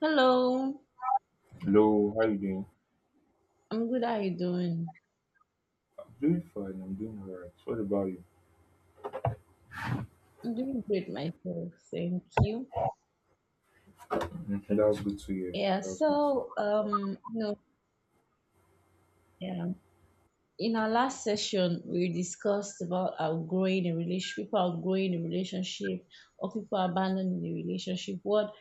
Hello, Hello, how you doing? I'm good. How you doing? I'm doing fine. I'm doing all right. What about you? I'm doing great myself, thank you. Mhm, that's good to hear. Yeah, That's good to hear. so yeah, in our last session we discussed about outgrowing a relationship, people outgrowing a relationship, or people abandoning the relationship. What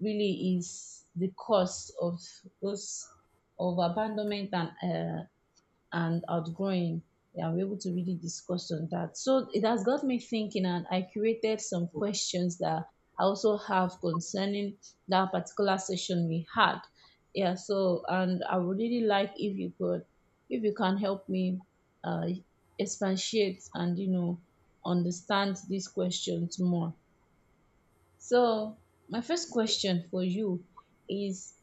really is the cause of those of abandonment and outgoing. Yeah, we're able to really discuss on that. So it has got me thinking, and I curated some questions that I also have concerning that particular session we had. Yeah, so and I would really like if you can help me uh, expatiate and understand these questions more. So my first question for you is: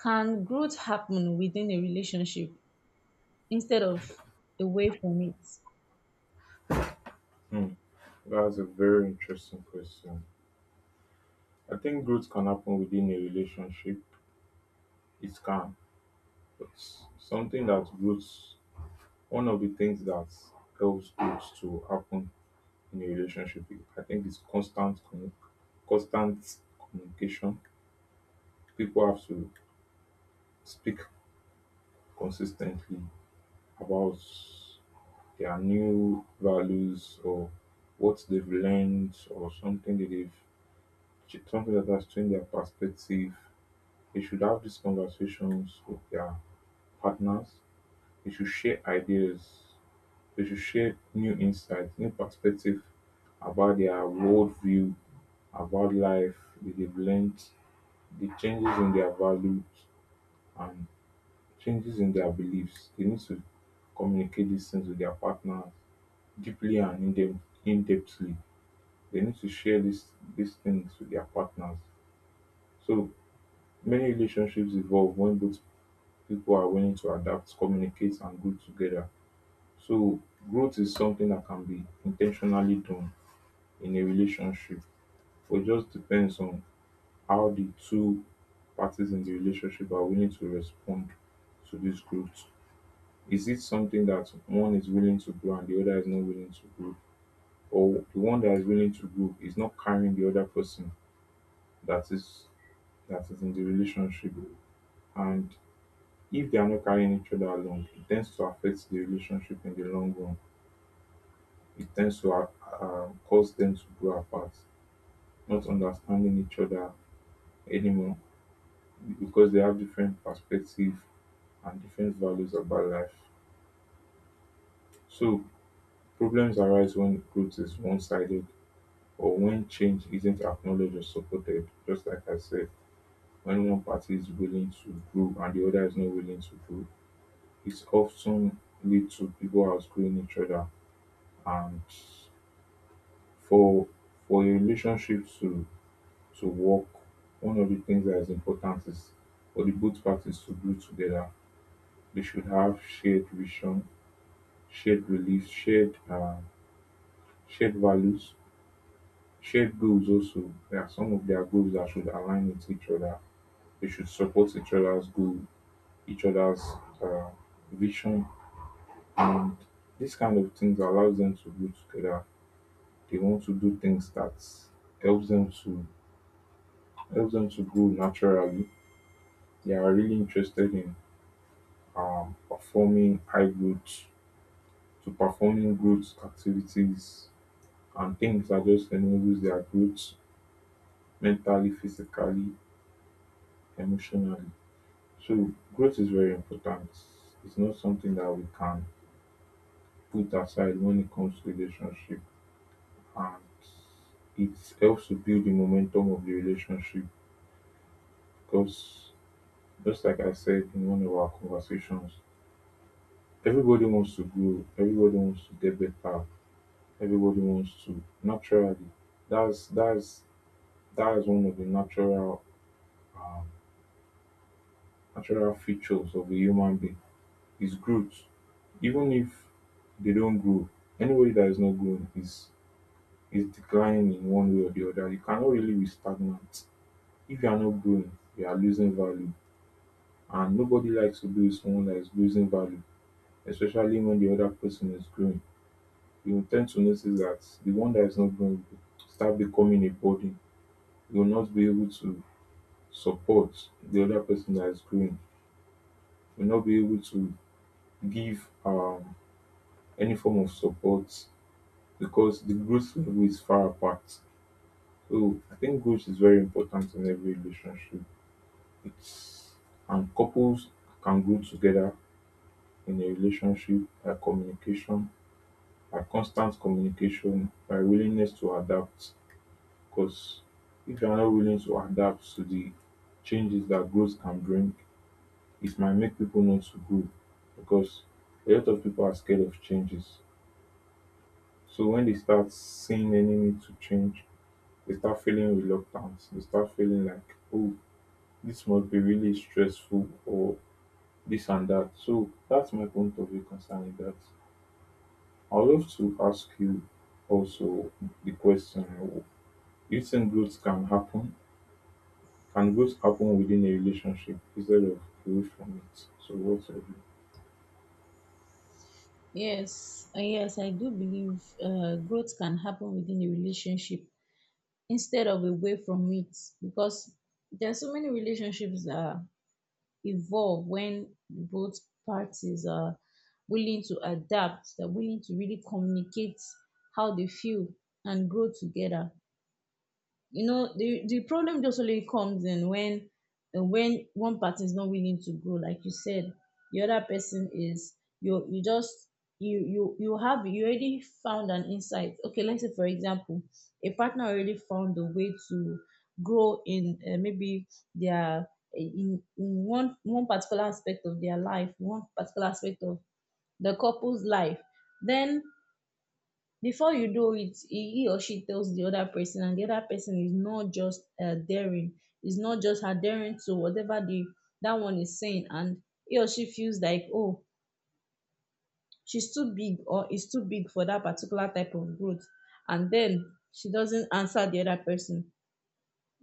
Can growth happen within a relationship instead of away from it? Hmm. That's a very interesting question. I think growth can happen within a relationship. It can, but something that growth, one of the things that helps growth to happen in a relationship, I think, is constant communication. People have to speak consistently about their new values or what they've learned or something that has changed their perspective. They should have these conversations with their partners. They should share ideas. They should share new insights, new perspective about their worldview, about life that they've learned, the changes in their values and changes in their beliefs. They need to communicate these things with their partners deeply and in depthly. They need to share these things with their partners. So many relationships evolve when both people are willing to adapt, communicate, and grow together. So growth is something that can be intentionally done in a relationship, but it just depends on how the two parties in the relationship are willing to respond to this growth. Is it something that one is willing to grow and the other is not willing to grow? Or the one that is willing to grow is not carrying the other person that is that is in the relationship. And if they are not carrying each other along, it tends to affect the relationship in the long run. It tends to cause them to grow apart, not understanding each other anymore because they have different perspectives and different values about life. So problems arise when growth is one-sided or when change isn't acknowledged or supported. Just like I said, when one party is willing to grow and the other is not willing to grow, it often leads to people outgrowing each other. And for for a relationship to work, one of the things that is important is for the both parties to grow together. They should have shared vision, shared beliefs, shared values, shared goals. Also, there are some of their goals that should align with each other. They should support each other's goal, each other's uh, vision, and these kind of things allows them to grow together. They want to do things that helps them to helps them to grow naturally. They are really interested in performing high growth to performing growth activities and things that just enables their growth mentally, physically, emotionally. So growth is very important. It's not something that we can put aside when it comes to relationship, and it helps to build the momentum of the relationship because just like I said in one of our conversations, everybody wants to grow, everybody wants to get better, everybody wants to naturally. That's that is one of the natural um, natural features of a human being is growth. Even if they don't grow, anybody that is not growing is declining in one way or the other. You cannot really be stagnant. If you are not growing, you are losing value. And nobody likes to be with someone that is losing value, especially when the other person is growing. You will tend to notice that the one that is not growing will start becoming a burden. You will not be able to support the other person that is growing. You will not be able to give any form of support because the growth level is far apart. So I think growth is very important in every relationship. It's and couples can grow together in a relationship by communication, by constant communication, by willingness to adapt. Because if you're not willing to adapt to the changes that growth can bring, it might make people not to grow because a lot of people are scared of changes. So when they start seeing any need to change, they start feeling reluctant. They start feeling like, oh, this must be really stressful or this and that. So that's my point of view concerning that. I'd love to ask you also the question, do you think growth can happen? Can growth happen within a relationship instead of away from it? So what's your view? Yes, and yes, I do believe growth can happen within a relationship instead of away from it, because there are so many relationships that evolve when both parties are willing to adapt, they're willing to really communicate how they feel and grow together. You know, the problem just only comes in when one party is not willing to grow, like you said. The other person is, you just, you already found an insight. Okay, let's say for example, a partner already found a way to grow in, maybe their, in one particular aspect of their life, one particular aspect of the couple's life. Then before you do it, he or she tells the other person, and the other person is not just adhering to whatever the that one is saying, and he or she feels like, oh, she's too big, or is too big, for that particular type of growth. And then she doesn't answer the other person.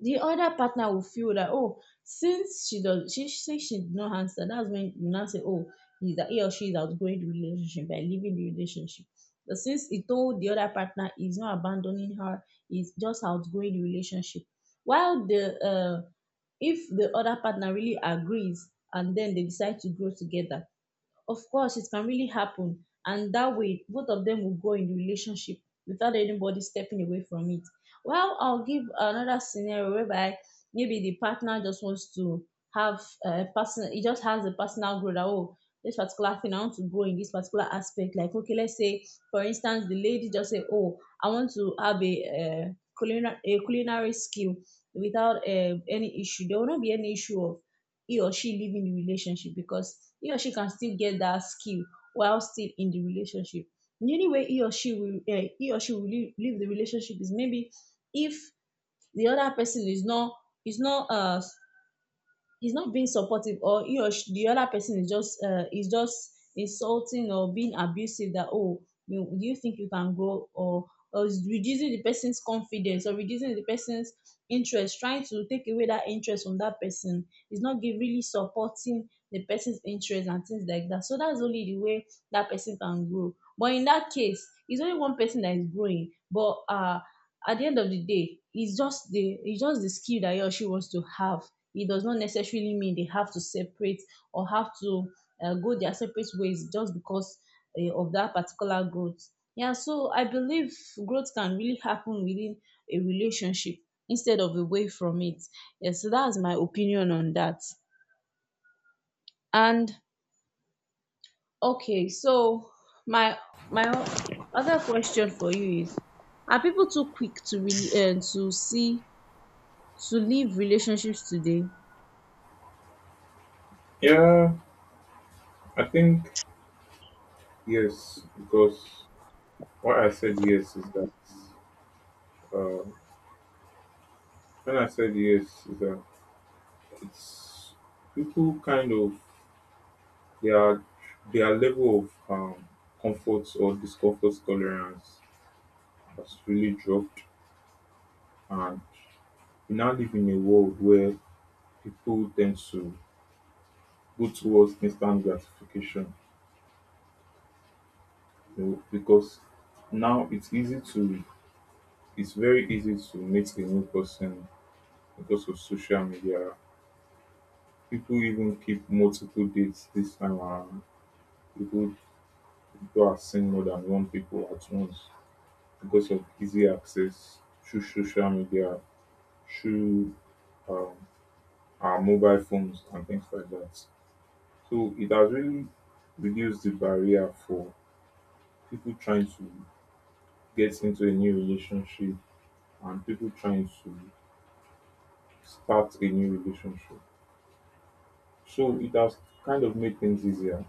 The other partner will feel that, oh, since she did not answer, that's when you now say, oh, he or she is outgrowing the relationship by leaving the relationship. But since he told the other partner, he's not abandoning her, he's just outgrowing the relationship. While the if the other partner really agrees, and then they decide to grow together, of course it can really happen, and that way both of them will grow in the relationship without anybody stepping away from it. Well, I'll give another scenario, whereby maybe the partner just wants to have a person, he just has a personal growth, that, oh, this particular thing I want to grow in, this particular aspect. Like, okay, let's say for instance the lady just say, oh, I want to have a culinary skill. Without any issue, there will not be any issue of he or she live in the relationship, because he or she can still get that skill while still in the relationship. The only way he or she will leave the relationship, is maybe if the other person is not, is not uh, he's not being supportive, or he or she, the other person is just, insulting or being abusive. That, oh, do you think you can grow? Or is reducing the person's confidence, or reducing the person's interest, trying to take away that interest from that person, is not really supporting the person's interest and things like that. So that's only the way that person can grow, but in that case it's only one person that is growing. But at the end of the day, it's just the, skill that he or she wants to have. It does not necessarily mean they have to separate, or have to, go their separate ways, just because of that particular growth. Yeah, so I believe growth can really happen within a relationship instead of away from it. Yeah, so that's my opinion on that. And okay, so my, other question for you is: Are people too quick to really, to leave relationships today? Yeah, I think yes, because why I said yes is that uh, when I said yes is that it's people kind of their their level of comfort or discomfort tolerance has really dropped, and we now live in a world where people tend to go towards instant gratification, you know, because now it's easy to it's very easy to meet a new person because of social media. People even keep multiple dates this time around. People people are seeing more than one people at once because of easy access through social media, through um, our mobile phones and things like that. So it has really reduced the barrier for people trying to get into a new relationship and people trying to start a new relationship. So it has kind of made things easier.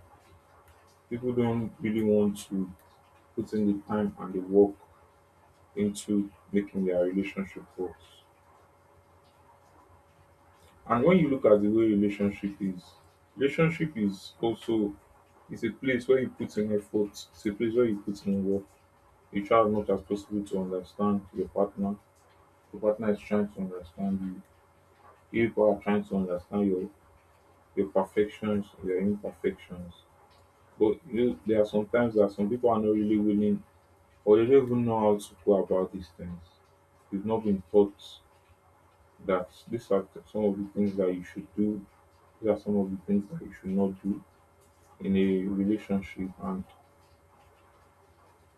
People don't really want to put in the time and the work into making their relationship work. And when you look at the way relationship is also it's a place where you put in effort, it's a place where you put in work. You try as much as possible to understand your partner. Your partner is trying to understand you. You people are trying to understand your perfections, your imperfections. But you know, there are some times that some people are not really willing or they don't even know how to go about these things. They've not been taught that these are the- some of the things that you should do, these are some of the things that you should not do in a relationship, and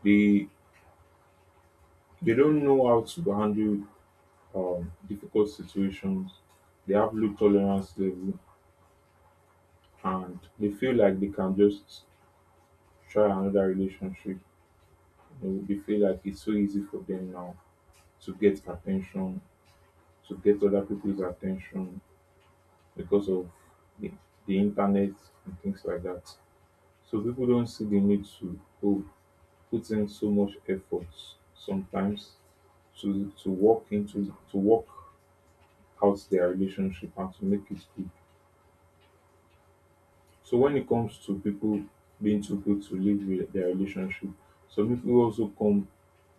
they they don't know how to handle difficult situations. They have low tolerance level and they feel like they can just try another relationship. You know, they feel like it's so easy for them now to get attention, to get other people's attention because of the, the internet and things like that. So people don't see the need to go put in so much effort sometimes to walk into to work out their relationship and to make it good. So when it comes to people being too good to live with their relationship, some people also come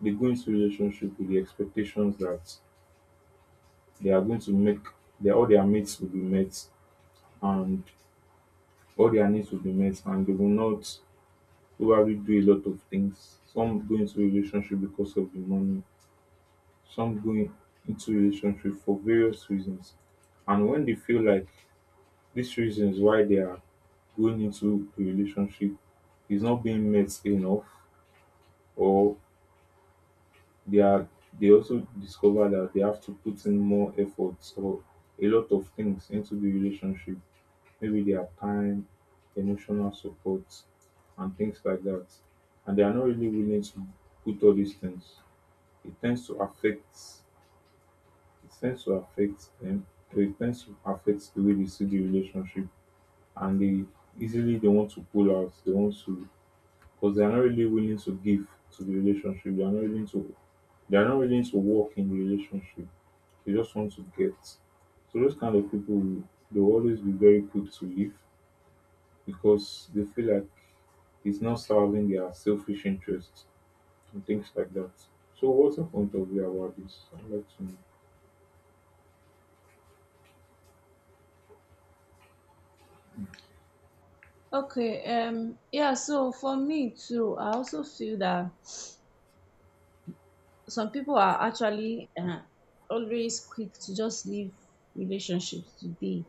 they go into relationship with the expectations that they are going to make their all their mates will be met and all their needs will be met and they will not probably do a lot of things. Some go into relationship because of the money, some go in- into relationship for various reasons. And when they feel like these reasons why they are going into a relationship is not being met enough, or they are they also discover that they have to put in more efforts or a lot of things into the relationship, maybe their time, emotional support, and things like that. And they are not really willing to put all these things. It tends to affect. It tends to affect them. So it tends to affect the way they see the relationship, and they easily they want to pull out. They want to because they are not really willing to give to the relationship. They are not willing to. They are not willing to work in the relationship. They just want to get. So those kind of people, will- they will always be very quick to leave because they feel like it's not serving their selfish interests and things like that. So, what's your point of view about this? I'd like to know. Okay, yeah, so for me too, I also feel that some people are actually, always quick to just leave relationships today,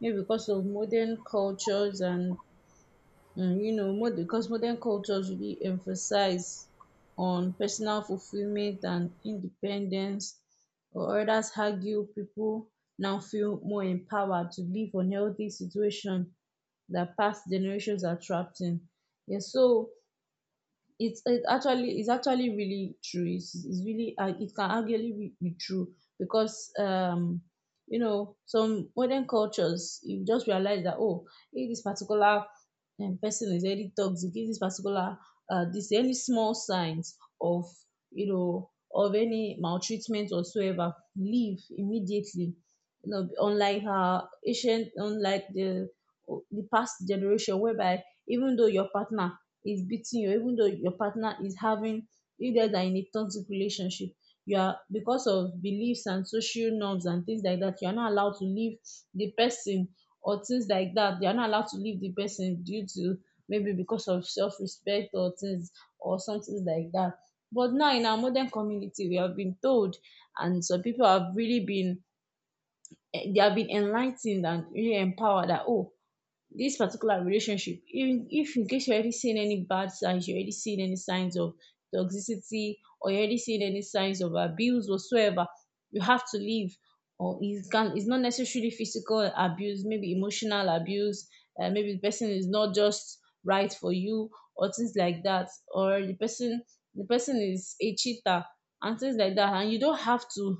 maybe because of modern cultures. And because modern cultures really emphasize on personal fulfillment and independence, or others argue people now feel more empowered to live unhealthy situation that past generations are trapped in. Yeah, so it's actually really true. It's really, it can actually be true. Because some modern cultures, you just realize that, oh, if this particular, person is very toxic, if this, any small signs of, of any maltreatment whatsoever, leave immediately. You know, unlike the past generation, whereby, even though your partner is beating you, even though your partner is having, you guys are in a toxic relationship, you are because of beliefs and social norms and things like that, you are not allowed to leave the person, or things like that, you are not allowed to leave the person due to, maybe because of self-respect, or something like that. But now in our modern community, we have been told, and some people have really been, they have been enlightened and really empowered that, oh, this particular relationship, if in case you're already seeing any bad signs, you're already seeing any signs of toxicity, or you're already seeing any signs of abuse whatsoever, you have to leave. Or it can, it's not necessarily physical abuse, maybe emotional abuse, maybe the person is not just right for you, or things like that, or the person, the person is a cheater and things like that, and you don't have to,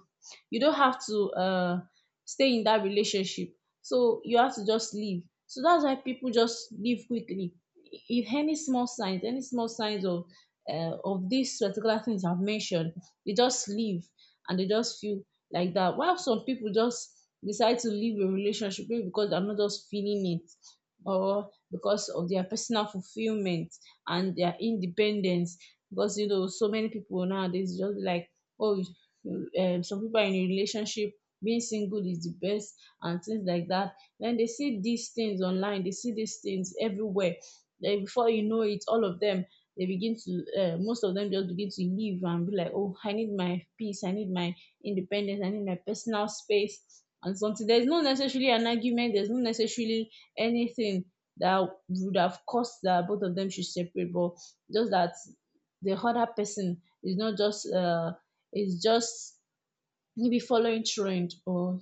you don't have to uh stay in that relationship. So you have to just leave. So that's why people just leave quickly. If any small signs, any small signs of, of these particular things I've mentioned, they just leave, and they just feel like that. While some people just decide to leave a relationship maybe because they're not just feeling it, or because of their personal fulfillment and their independence. Because you know, so many people nowadays just like, oh, some people are in a relationship, being single is the best and things like that. Then they see these things online, they see these things everywhere. Then before you know it, all of them, they begin to most of them just begin to leave and be like, oh, I need my peace, I need my independence, I need my personal space and something. There's no necessarily an argument, there's no necessarily anything that would have caused that both of them should separate, but just that the other person is not just, is just maybe following trend or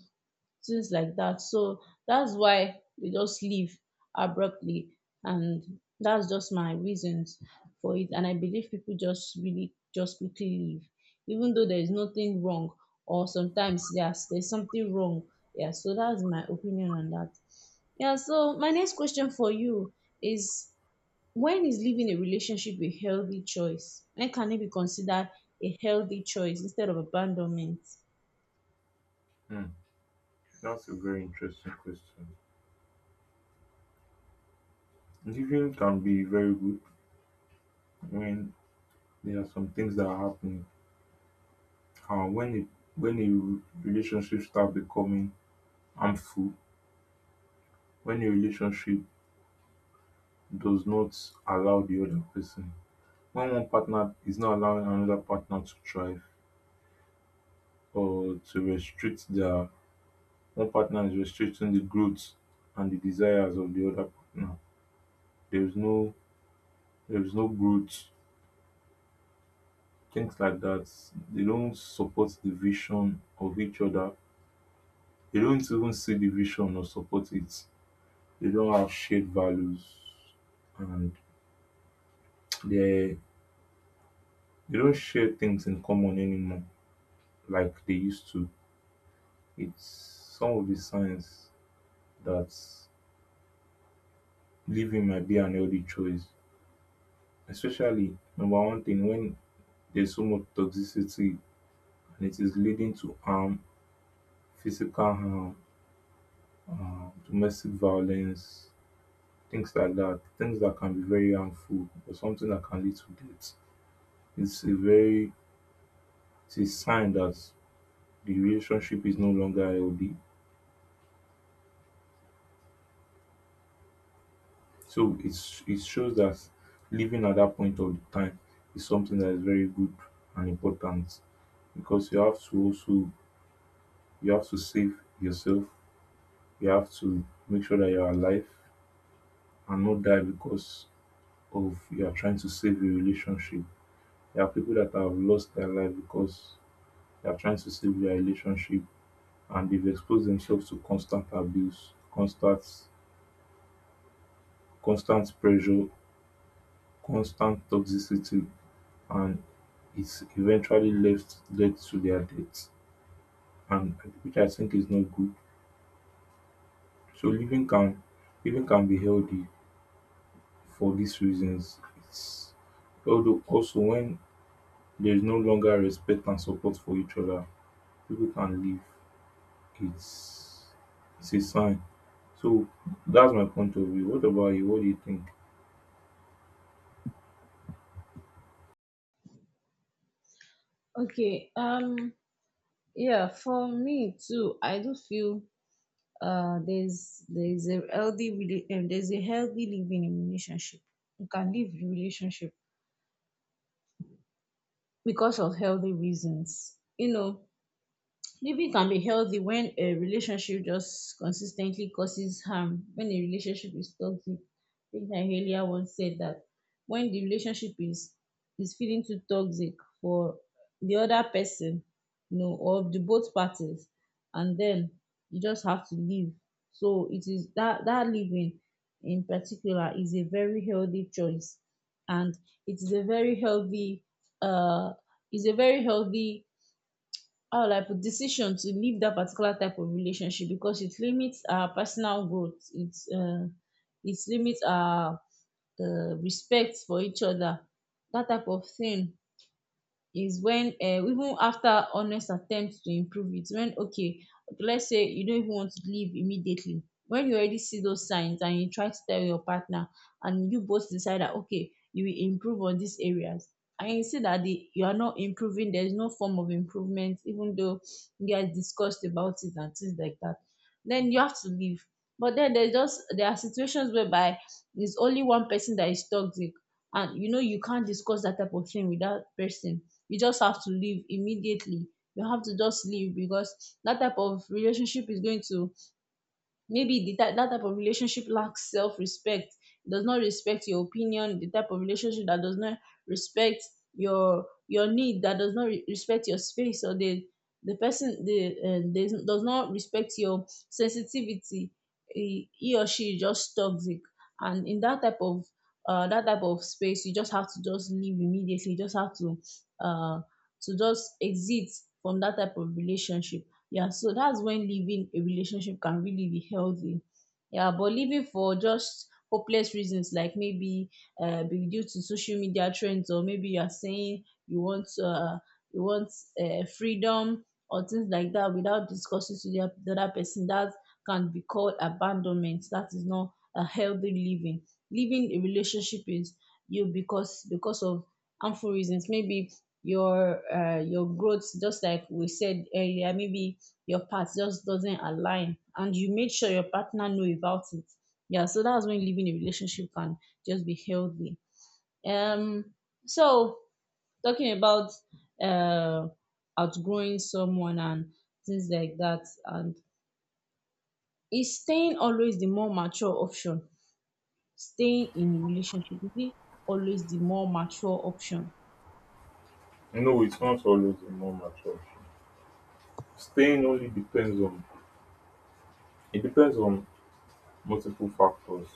things like that. So that's why we just leave abruptly, and that's just my reasons for it, and I believe people just really just quickly leave even though there is nothing wrong, or sometimes yes, there's something wrong. Yeah, so that's my opinion on that. Yeah, so my next question for you is: When is leaving a relationship a healthy choice? When can it be considered a healthy choice instead of abandonment? Hmm, that's a very interesting question. Giving can be very good when there are some things that are happening. When it when a relationship start becoming harmful, when a relationship does not allow the other person, when one partner is not allowing another partner to thrive or to restrict their one partner is restricting the growth and the desires of the other partner, there is no there is no growth. Things like that. They don't support the vision of each other. They don't even see the vision or support it. They don't have shared values, and they they don't share things in common anymore like they used to. It's some of the signs that leaving might be an healthy choice. Especially number one thing when there's so much toxicity and it is leading to harm, physical harm, domestic violence, things like that. Things that can be very harmful or something that can lead to death. It's a very it's a sign that the relationship is no longer healthy. So it's it shows that living at that point of the time is something that is very good and important because you have to also you have to save yourself. You have to make sure that you are alive and not die because of you are trying to save a relationship. There are people that have lost their life because they are trying to save their relationship and they've exposed themselves to constant abuse, constant pressure, constant toxicity, and it's eventually left led to their death. And which I think is not good. So living can be healthy for these reasons. It's although also when there is no longer respect and support for each other, people can live. It's it's a sign. So that's my point of view. What about you? What do you think? Okay, yeah, for me too, I do feel, there's, there's a healthy living in relationship. You can leave the relationship because of healthy reasons. You know, living can be healthy when a relationship just consistently causes harm, when a relationship is toxic. I think I earlier once said that when the relationship is, feeling too toxic for the other person, you know, or the both parties, and then you just have to leave. So it is that, that living in particular is a very healthy choice, and it is a very healthy, uh is a very healthy how like a decision to leave that particular type of relationship, because it limits our personal growth. It's, it limits our, respect for each other. That type of thing is when even after honest attempts to improve it, when, okay, let's say you don't even want to leave immediately when you already see those signs and you try to tell your partner, and you both decide that okay, you will improve on these areas, and you see that the you are not improving, there is no form of improvement, even though you guys discussed about it and things like that, then you have to leave. But then there are situations whereby it's only one person that is toxic, and you know you can't discuss that type of thing with that person, you just have to leave immediately. You have to just leave because that type of relationship is going to, maybe that type of relationship lacks self-respect. It does not respect your opinion, the type of relationship that does not respect your need, that does not respect your space, or the person, the, they does not respect your sensitivity. He he, or she is just toxic, and in that type of, that type of space, you just have to just leave immediately. You just have to, uh to just exit from that type of relationship. Yeah, so that's when leaving a relationship can really be healthy. Yeah, but leaving for just hopeless reasons, like maybe be due to social media trends, or maybe you are saying you want freedom or things like that without discussing to the other person, that can be called abandonment. That is not a healthy living. Leaving a relationship is you because of harmful reasons. Maybe your growth, just like we said earlier, maybe your path just doesn't align and you made sure your partner know about it. Yeah, so that's when living a relationship can just be healthy. um so talking about uh outgrowing someone and things like that, and is staying always the more mature option? Staying in a relationship, is it always the more mature option? No, it's not always a more mature. Staying only depends on It depends on multiple factors.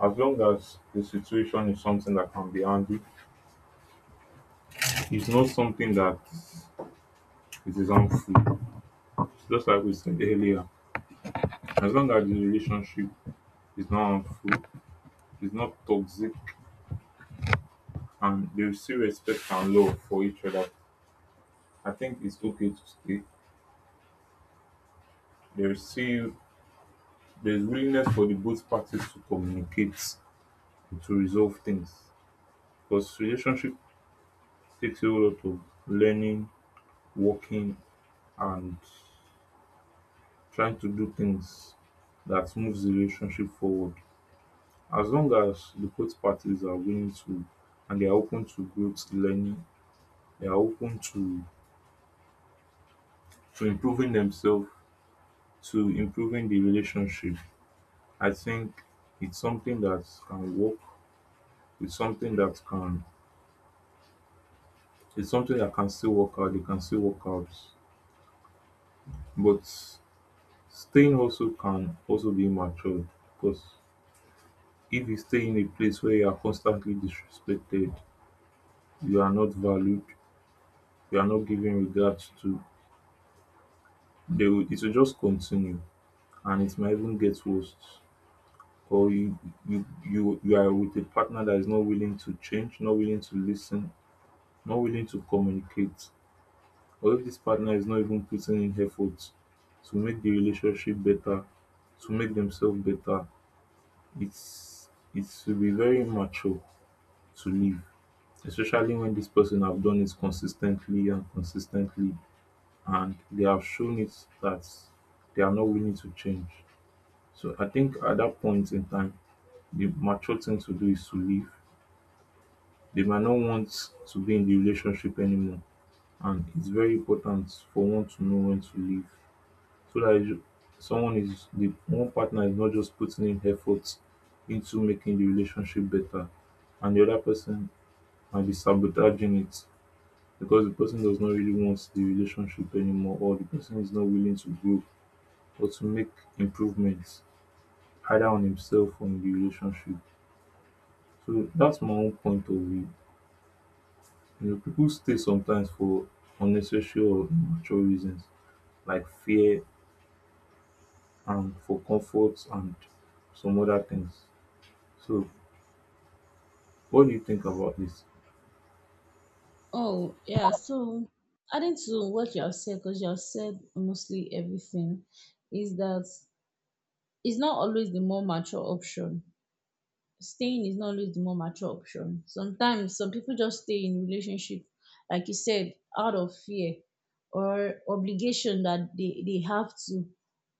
As long as the situation is something that can be handled, it's not something that it is harmful. Just like we said earlier, as long as the relationship is not harmful, it's not toxic, and there is still respect and love for each other, I think it's okay to stay. There is still there is willingness for the both parties to communicate to resolve things because relationship takes a lot of learning, working, and trying to do things that moves the relationship forward. As long as the both parties are willing to and they are open to growth, learning, they are open to improving themselves, to improving the relationship. I think it's something that can work. It's something that can It's something that can still work out, But staying also can also be immature because if you stay in a place where you are constantly disrespected, you are not valued, you are not given regard to, it will just continue and it might even get worse. Or you, you are with a partner that is not willing to change, not willing to listen, not willing to communicate. Or if this partner is not even putting in effort to make the relationship better, to make themselves better, its it will be very immature to leave, especially when this person have done it consistently, and they have shown it that they are not willing to change. So I think at that point in time the mature thing to do is to leave. They might not want to be in the relationship anymore and it's very important for one to know when to leave, so that someone is the one partner is not just putting in effort into making the relationship better and the other person might be sabotaging it, because the person does not really want the relationship anymore or the person is not willing to grow or to make improvements either on himself or in the relationship. So that's my own point of view. You know, people stay sometimes for unnecessary or immature reasons, like fear and for comfort and some other things. So, what do you think about this? Oh yeah, so adding to what you have said, because you have said mostly everything, is that it's not always the more mature option. Staying is not always the more mature option. Sometimes some people just stay in relationship, like you said, out of fear or obligation that they have to,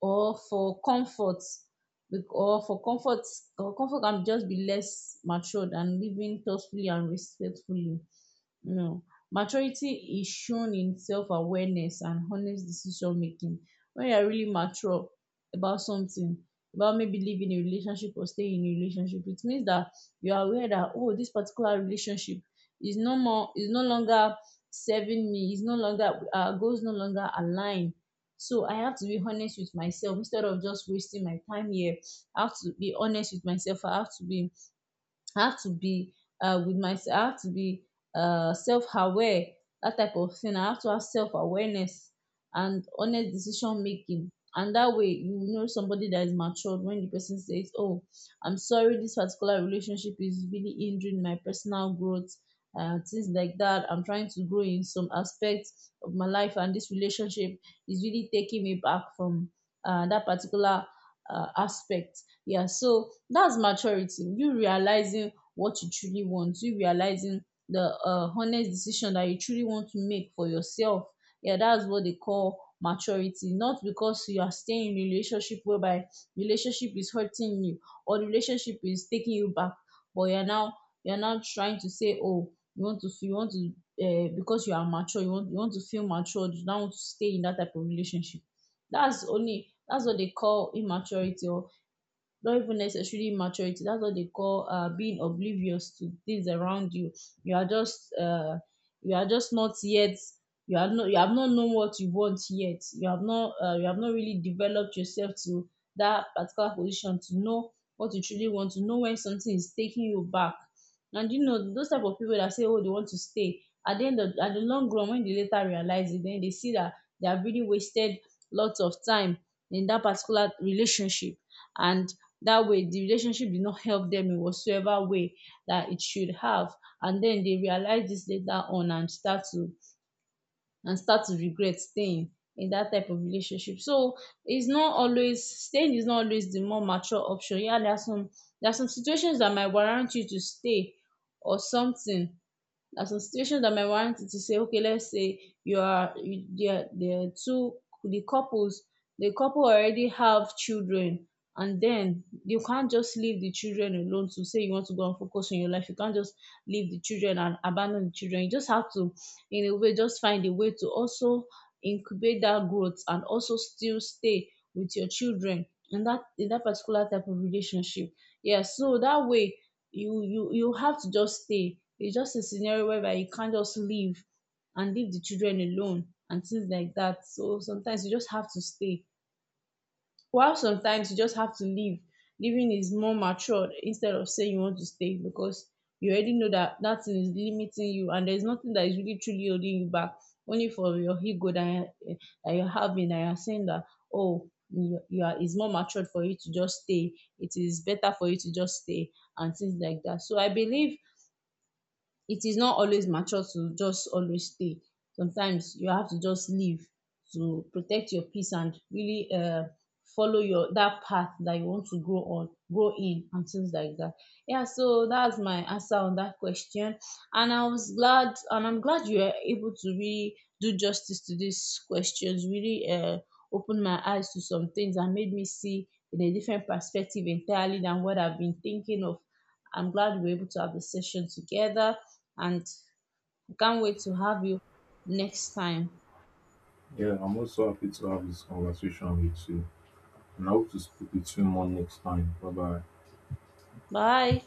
or for comfort, or for comfort. Or comfort can just be less mature than living thoughtfully and respectfully, you know. Maturity is shown in self-awareness and honest decision making. When you are really mature about something, about maybe leaving a relationship or staying in a relationship, it means that you are aware that, oh, this particular relationship is no more, is no longer serving me, is no longer, our goals no longer align. So I have to be honest with myself instead of just wasting my time here. I have to be honest with myself, I have to be, I have to be with myself. I have to be self-aware. That type of thing. I have to have self-awareness and honest decision making. And that way, you will know somebody that is matured when the person says, "Oh, I'm sorry, this particular relationship is really hindering my personal growth." Things like that. I'm trying to grow in some aspects of my life, and this relationship is really taking me back from that particular aspect. Yeah, so that's maturity, you realizing what you truly want, you realizing the honest decision that you truly want to make for yourself. Yeah, that's what they call maturity. Not because you are staying in relationship whereby relationship is hurting you or the relationship is taking you back, but you're now, you're now trying to say, oh, you want to feel, you want to because you are mature, you want, you want to feel matured, you don't want to stay in that type of relationship. That's only, that's what they call immaturity, or not even necessarily maturity. That's what they call being oblivious to things around you. You are just you are just not yet, you have not known what you want yet. You have not you have not really developed yourself to that particular position to know what you truly want, to know when something is taking you back. And you know those type of people that say, oh, they want to stay, at the end of, at the long run, when they later realize it, then they see that they have really wasted lots of time in that particular relationship, and that way the relationship did not help them in whatsoever way that it should have. And then they realize this later on and start to, and start to regret staying in that type of relationship. So it's not always, staying is not always the more mature option. Yeah, there are some, there are some situations that might warrant you to stay, or something, na, some situation that might warrant it to say, okay, let's say you are, you, there are two, the couples, the couple already have children, and then you can't just leave the children alone to say you want to go and focus on your life. You can't just leave the children and abandon the children. You just have to, in a way, just find a way to also incubate that growth and also still stay with your children in that particular type of relationship. Yeah, so that way you you have to just stay. It's just a scenario whereby you can't just leave and leave the children alone and things like that. So sometimes you just have to stay while sometimes you just have to leave. Leaving is more matured instead of saying you want to stay because you already know that that thing is limiting you, and there's nothing that is really truly holding you back only for your ego that, that you're having, and you're saying that, oh, you are, it's more matured for you to just stay, it is better for you to just stay and things like that. So I believe it is not always mature to just always stay. Sometimes you have to just leave to protect your peace and really follow your, that path that you want to grow on, grow in, and things like that. Yeah, so that's my answer on that question. And I was glad, and I'm glad you were able to really do justice to these questions, really opened my eyes to some things and made me see in a different perspective entirely than what I've been thinking of. I'm glad we were able to have the session together, and can't wait to have you next time. Yeah, I'm also happy to have this conversation with you. And I hope to speak with you more next time. Bye bye. Bye.